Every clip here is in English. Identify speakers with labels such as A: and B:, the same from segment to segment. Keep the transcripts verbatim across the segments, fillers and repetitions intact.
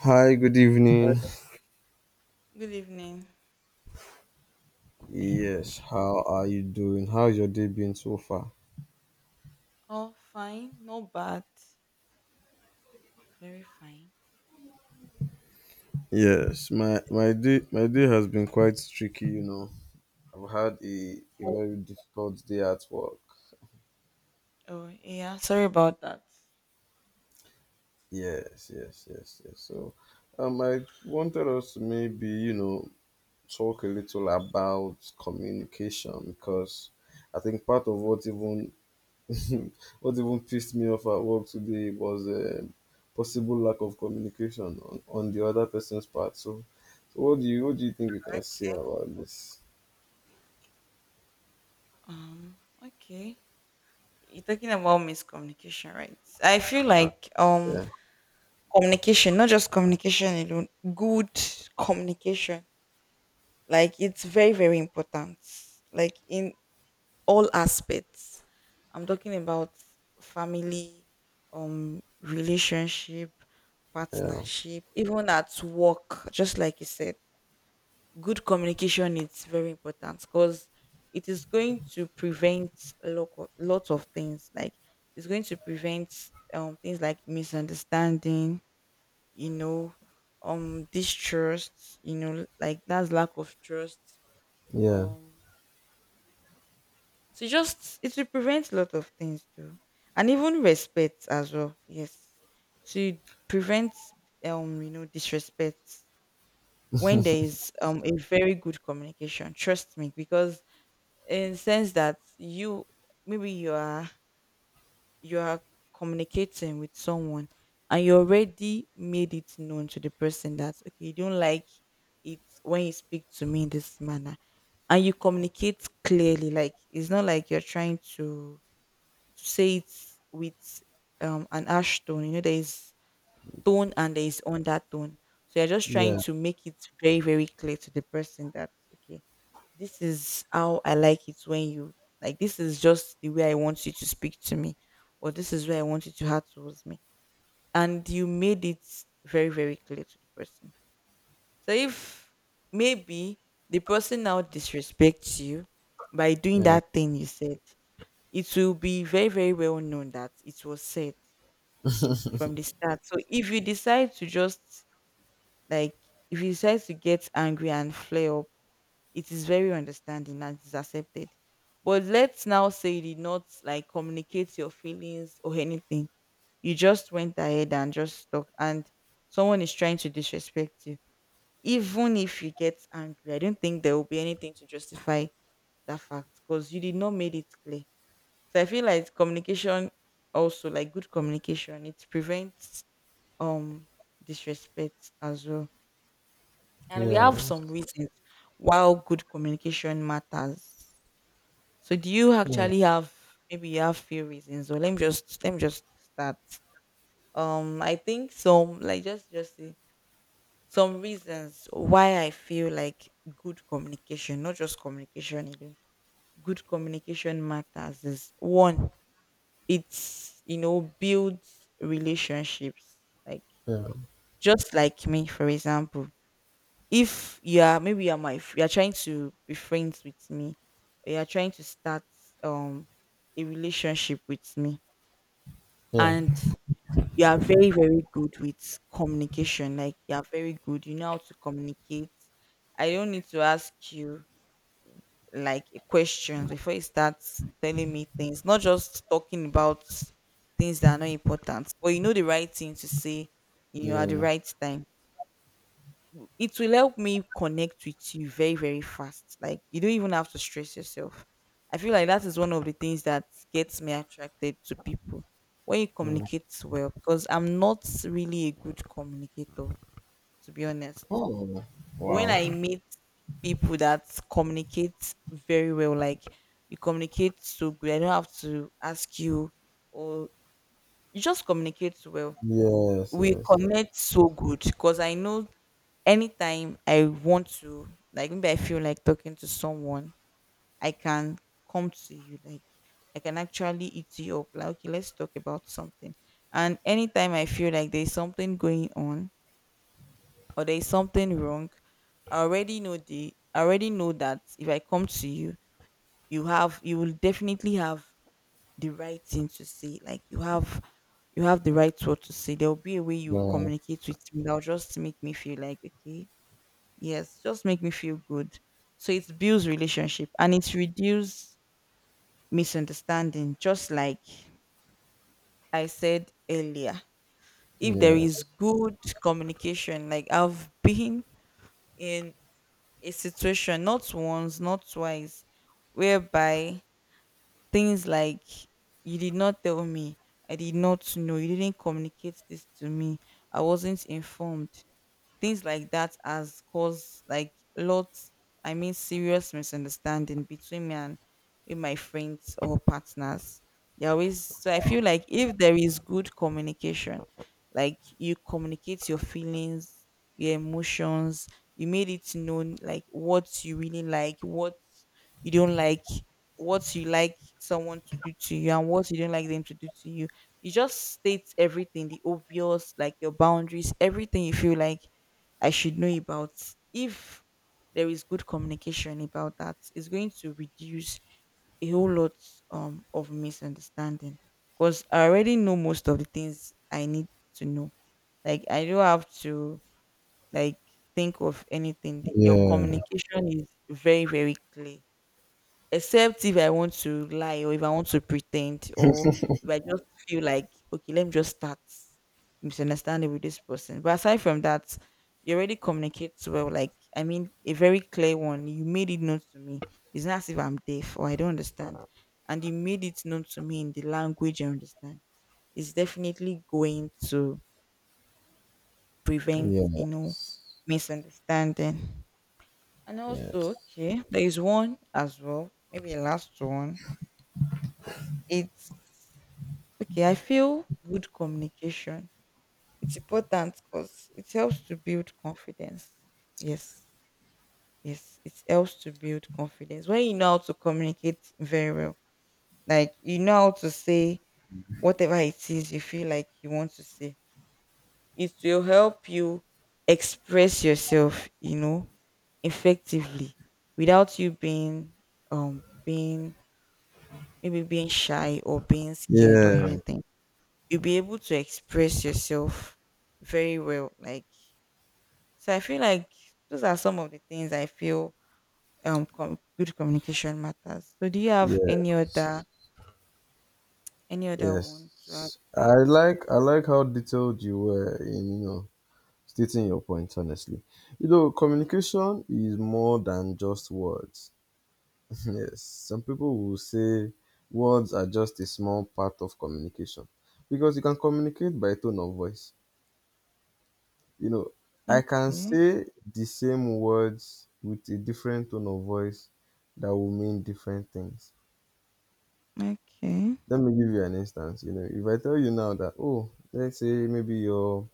A: Hi, good
B: Uh,
A: evening.
B: Good evening.
A: Yes,
B: evening.
A: how are you doing? How's your day been so far?
B: All fine, not bad. Very fine.
A: Yes, my my day my day has been quite tricky, you know. I've had a, a very difficult day at work.
B: Oh yeah, sorry about that.
A: Yes, yes, yes, yes. So, um, I wanted us to maybe, you know, talk a little about communication because I think part of what even what even pissed me off at work today was a possible lack of communication on, on the other person's part. So, so what do you what do you think you can say about this?
B: Um, okay. You're talking about miscommunication, right? I feel like um
A: Yeah,
B: communication, not just communication alone, good communication. Like it's very, very important. Like in all aspects. I'm talking about family, um, relationship,
A: yeah,
B: partnership, even at work, just like you said. Good communication is very important because it is going to prevent a lot of, lots of things. Like it's going to prevent um things like misunderstanding, you know, um distrust, you know, like that's lack of trust.
A: yeah,
B: Um So just it will prevent a lot of things too. And even respect as well. Yes. To prevent um, you know, disrespect when there is um a very good communication. Trust me, because in sense that you maybe you are you are communicating with someone and you already made it known to the person that okay, you don't like it when you speak to me in this manner and you communicate clearly like it's not like you're trying to to say it with um an ash tone. You know, there is tone and there is undertone. So you're just trying
A: yeah,
B: to make it very, very clear to the person that okay, this is how I like it when you like this is just the way I want you to speak to me, or this is where I want you to have towards me. And you made it very, very clear to the person. So if maybe the person now disrespects you by doing
A: yeah,
B: that thing you said, it will be very very well known that it was said from the start. So if you decide to just like if you decide to get angry and flare up, it is very understanding and is accepted. But let's now say you did not like communicate your feelings or anything, you just went ahead and just talk and someone is trying to disrespect you. Even if you get angry, I don't think there will be anything to justify that fact because you did not made it clear. So I feel like communication also like good communication, it prevents um disrespect as well. And we
A: yeah,
B: have some reasons why good communication matters. So do you
A: Mm,
B: actually have maybe you have few reasons or let me just let me just start. Um I think some like just just say some reasons why I feel like good communication, not just communication alone, good communication matters is one it's you know builds relationships like
A: yeah,
B: just like me for example if you are maybe you're my f- you're trying to be friends with me or you're trying to start um a relationship with me
A: yeah,
B: and you are very very good with communication like you are very good you know how to communicate. I don't need to ask you like questions before he starts telling me things, not just talking about things that are not important, but you know the right thing to say, you know, at the
A: yeah.
B: right time. It will help me connect with you very, very fast. Like you don't even have to stress yourself. I feel like that is one of the things that gets me attracted to people when you
A: Mm.
B: communicate well because I'm not really a good communicator, to be honest.
A: Oh,
B: When
A: wow.
B: I meet people that communicate very well, like you communicate so good, I don't have to ask you, or you just communicate well.
A: Yes,
B: We
A: yes, yes.
B: connect so good because I know anytime I want to, like maybe I feel like talking to someone, I can come to you, like I can actually eat you up. Like, okay, let's talk about something. And anytime I feel like there's something going on, or there is something wrong, I already know the I already know that if I come to you, you have you will definitely have the right thing to say. Like you have you have the right word to say. There will be a way you
A: Yeah,
B: communicate with me that will just make me feel like okay, yes, just make me feel good. So it builds relationship and it reduces misunderstanding. Just like I said earlier, if there
A: yes,
B: is good communication, like I've been in a situation not once not twice whereby things like you did not tell me, I did not know, you didn't communicate this to me, I wasn't informed. Things like that has caused like lots, I mean serious misunderstanding between me and with my friends or partners. They always so I feel like if there is good communication, like you communicate your feelings, your emotions, you made it known like what you really like, what you don't like, what you like someone to do to you and what you don't like them to do to you, you just state everything the obvious like your boundaries, everything you feel like I should know about. If there is good communication about that, it's going to reduce a whole lot um, of misunderstanding. Because I already know most of the things I need to know. Like I don't have to like think of anything. Your
A: yeah,
B: communication is very, very clear except if I want to lie or if I want to pretend or if I just feel like, okay, let me just start misunderstanding with this person. But aside from that, you already communicate well. Like, I mean, a very clear one. You made it known to me. It's not as if I'm deaf or I don't understand. And you made it known to me in the language I understand. It's definitely going to prevent, you
A: yeah,
B: know, misunderstanding. And
A: yes,
B: also, okay, there is one as well, maybe a last one. It's okay. I feel good communication. It's important because it helps to build confidence. Yes, yes, it helps to build confidence when you know how to communicate very well. Like you know how to say whatever it is you feel like you want to say. It will help you express yourself. You know, effectively without you being um being maybe being shy or being scared or
A: yeah,
B: anything. You'll be able to express yourself very well. Like so, I feel like those are some of the things I feel um com- good communication matters. So, do you have
A: yeah.
B: any other any other one to add?
A: Yes.
B: To
A: I
B: it?
A: like I like how detailed you were in, you know, stating your points honestly. You know, communication is more than just words. Yes. Some people will say words are just a small part of communication because you can communicate by tone of voice. You know, I can
B: Okay,
A: say the same words with a different tone of voice that will mean different things.
B: okay.
A: Let me give you an instance. You know, if I tell you now that, oh, let's say maybe your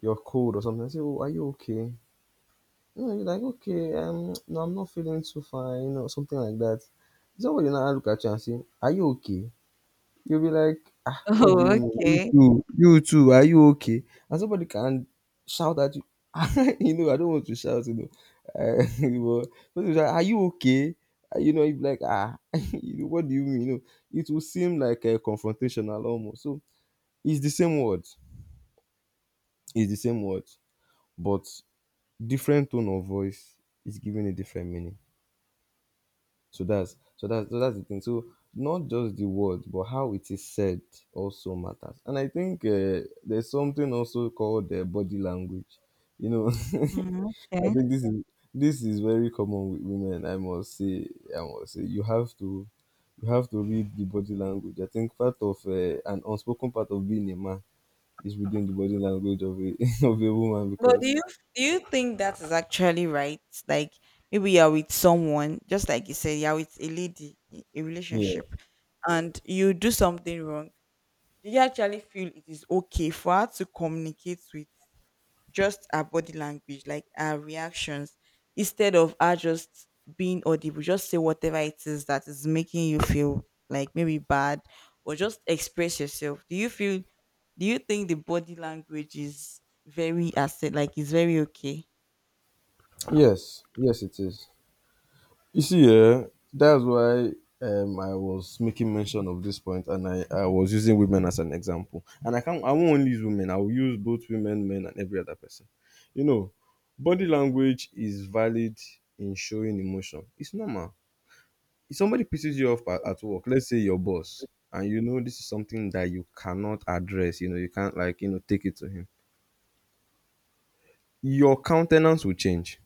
A: you're cold or something. I say, oh, are you okay? No, you're like, okay, um, no, I'm not feeling too fine. You know, something like that. Somebody now look at you and say, are you okay? You'll be like, ah, what do
B: Oh,
A: you mean? You
B: okay.
A: too, you too, are you okay? And somebody can shout at you. You know, I don't want to shout, you know. Uh, but somebody shout, are you okay? Uh, You know, you'd be like, ah, you know, what do you mean? You know, it will seem like a confrontational almost. So it's the same word. It's the same word but different tone of voice is giving a different meaning. So that's so that's so that's the thing. So not just the word, but how it is said also matters. And I think uh, there's something also called uh, body language. You know,
B: Mm,
A: I
B: okay.
A: think this is this is very common with women. I must say, I must say, you have to you have to read the body language. I think part of uh, an unspoken part of being a man is reading the body language of a of a woman
B: But do
A: because
B: you do you think that is actually right? Like maybe you're with someone, just like you said, you're with a lady, i- a
A: yeah,
B: relationship, and you do something wrong. Do you actually feel it is okay for her to communicate with just her body language, like her reactions, instead of her just being audible? Just say whatever it is that is making you feel like maybe bad, or just express yourself. Do you feel? Do you think the body language is very accept? Like it's very okay.
A: yes, yes, it is. You see,
B: Okay,
A: yeah, that's why um, I was making mention of this point, and I, I was using women as an example. And I can't, I won't only use women. I will use both women, men, and every other person. You know, body language is valid in showing emotion. It's normal. If somebody pisses you off at, at work, let's say your boss, and you know this is something that you cannot address. You know, you can't, like, you know, take it to him. Your countenance will change,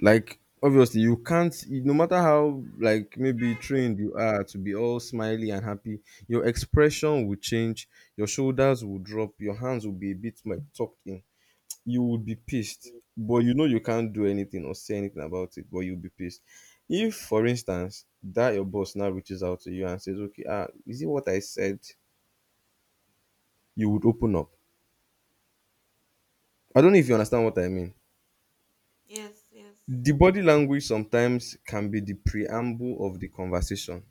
A: like, obviously you can't you- no matter how, like, maybe trained you are to be all smiley and happy, your expression will change, your shoulders will drop, your hands will be a bit like tucked in. You will be pissed, but you know you can't do anything or say anything about it, but you'll be pissed. If for instance that your boss now reaches out to you and says, okay, ah, is it what I said, you would open up. I don't know if you understand what I mean. The body language sometimes can be the preamble of the conversation.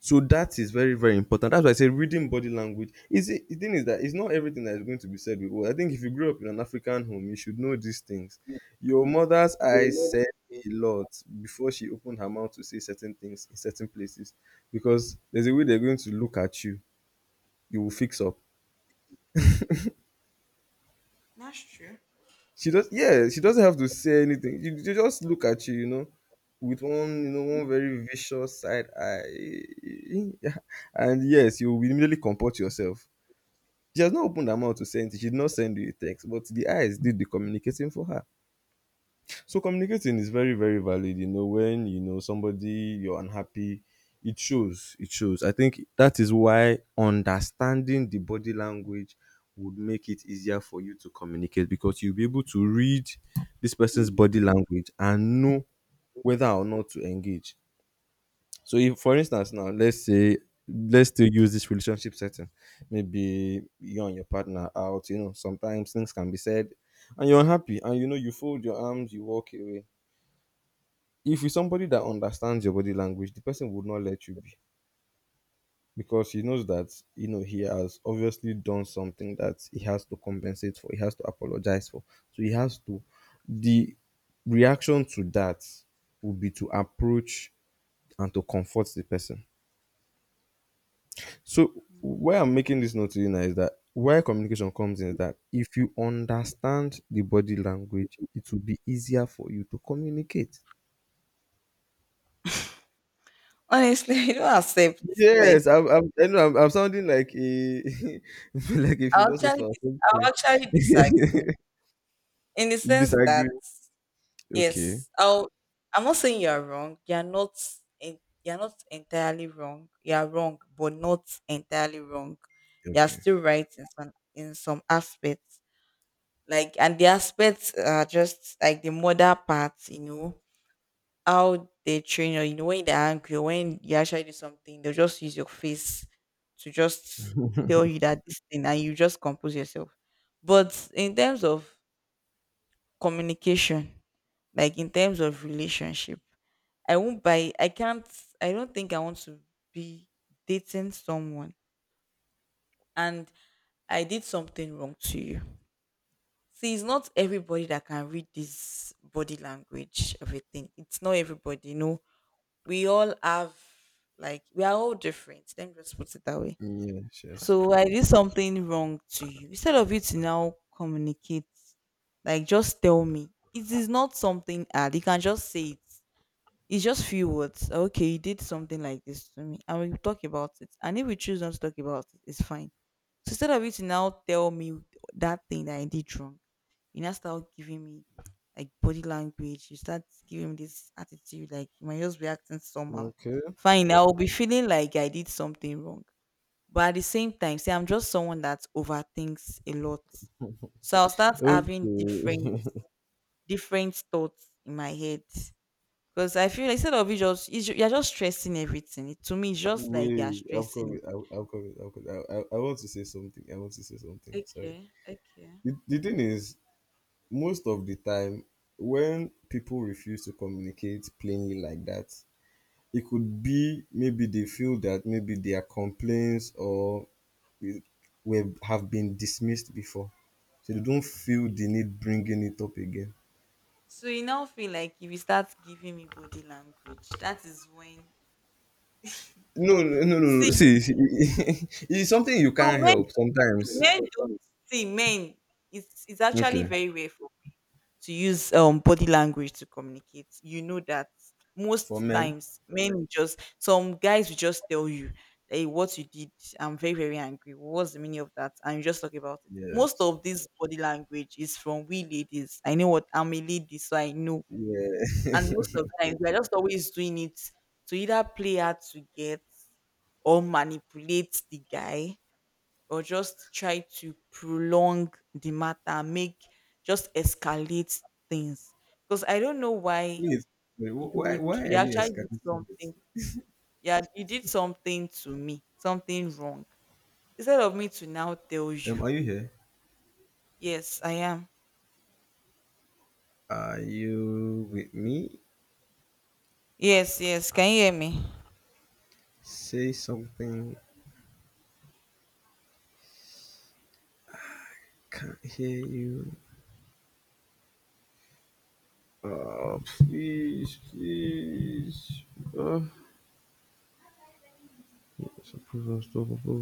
A: So that is very, very important. That's why I say reading body language. Is it, the thing is that it's not everything that is going to be said with words. I think if you grew up in an African home, you should know these things. Your mother's eyes said a lot before she opened her mouth to say certain things in certain places. Because there's a way they're going to look at you. You will fix up.
B: that's true.
A: She does, yeah, she doesn't have to say anything. You, they just look at you, you know, with one, you know, one very vicious side eye. And yes, you will immediately comport yourself. She has not opened her mouth to send anything. She did not send you a text, but the eyes did the communicating for her. So communicating is very, very valid. You know, when you know somebody, you're unhappy, it shows. It shows. I think that is why understanding the body language would make it easier for you to communicate, because you'll be able to read this person's body language and know whether or not to engage. So if for instance now, let's say, let's still use this relationship setting. Maybe you and your partner out, you know, sometimes things can be said and you're unhappy, and you know, you fold your arms, you walk away. If it's somebody that understands your body language, the person would not let you be, because he knows that, you know, he has obviously done something that he has to compensate for, he has to apologize for. So he has to, the reaction to that would be to approach and to comfort the person. So why I'm making this note to you now is that where communication comes in is that if you understand the body language, it will be easier for you to communicate.
B: Honestly, I don't accept.
A: Yes,
B: Like
A: I'm. I'm I know I'm, I'm sounding like a like a
B: I'll actually,
A: philosopher or
B: I'll
A: something.
B: actually disagree in the
A: You
B: sense
A: disagree?
B: that
A: Okay.
B: yes. Oh, I'm not saying you are wrong. You are not. en- You are not entirely wrong. You are wrong, but not entirely wrong. You are
A: Okay.
B: still right in some in some aspects. Like, and the aspects are just like the mother part. You know how they train you. You know when they're angry, or when you actually do something, they'll just use your face to just tell you that this thing, and you just compose yourself. But in terms of communication, like in terms of relationship, I won't buy. I can't. I don't think I want to be dating someone and I did something wrong to you. See, it's not everybody that can read this body language of a thing. It's not everybody. You know, we all have like we are all different. Let me just put it that way.
A: Yes. Yes.
B: So I did something wrong to you. Instead of you to now communicate, like just tell me. It is not something hard. You can just say it. It's just few words. Okay, you did something like this to me, and we talk about it. And if we choose not to talk about it, it's fine. So instead of you to now tell me that thing that I did wrong, you now start giving me like body language. You start giving me this attitude like you might just be acting somehow.
A: Okay.
B: Fine, I will be feeling like I did something wrong. But at the same time, see, I'm just someone that overthinks a lot. So I'll start having different
A: Okay.
B: different thoughts in my head. Because I feel like instead of you just it's, ju- you're just stressing everything. It- to me, it's just like
A: Wait.
B: you're
A: I am
B: stressing.
A: coming. i am I'll cover, I am coming. I, I, I want to say something. I want to say something. Sorry.
B: Okay, okay.
A: The, the thing is, most of the time when people refuse to communicate plainly like that, it could be maybe they feel that maybe their complaints or eh, were have been dismissed before, so they don't feel the need bringing it up again.
B: So you now feel like if you start giving me body language, that is when
A: No no no no no.
B: see
A: See, see. It's something you
B: no
A: can't
B: men
A: help
B: see,
A: sometimes.
B: men don't see men. It's it's actually
A: Okay.
B: very rare for to use um body language to communicate. You know that
A: For
B: most
A: men,
B: times men will just some guys will just tell you, hey, what you did, I'm very, very angry. What's the meaning of that? And you just talk about it. Most
A: yes,
B: of this body language is from we ladies. I know what I'm a lady, so I know.
A: yeah.
B: And most of the times we're just always doing it to either play hard to get or manipulate the guy or just try to prolong the matter, make just escalate things. Because I don't know why
A: Wait, wait,
B: you
A: wh- why
B: would
A: why
B: you
A: are you
B: actually did
A: escaping this?
B: something. Yeah, you did something to me, something wrong. Instead of me to now tell
A: Um,
B: you,
A: are you here?
B: yes, I am.
A: Are you with me?
B: Yes, yes. Can you hear me?
A: Say something. Can't hear you. Oh, please, please. Oh, it's a proof stuff.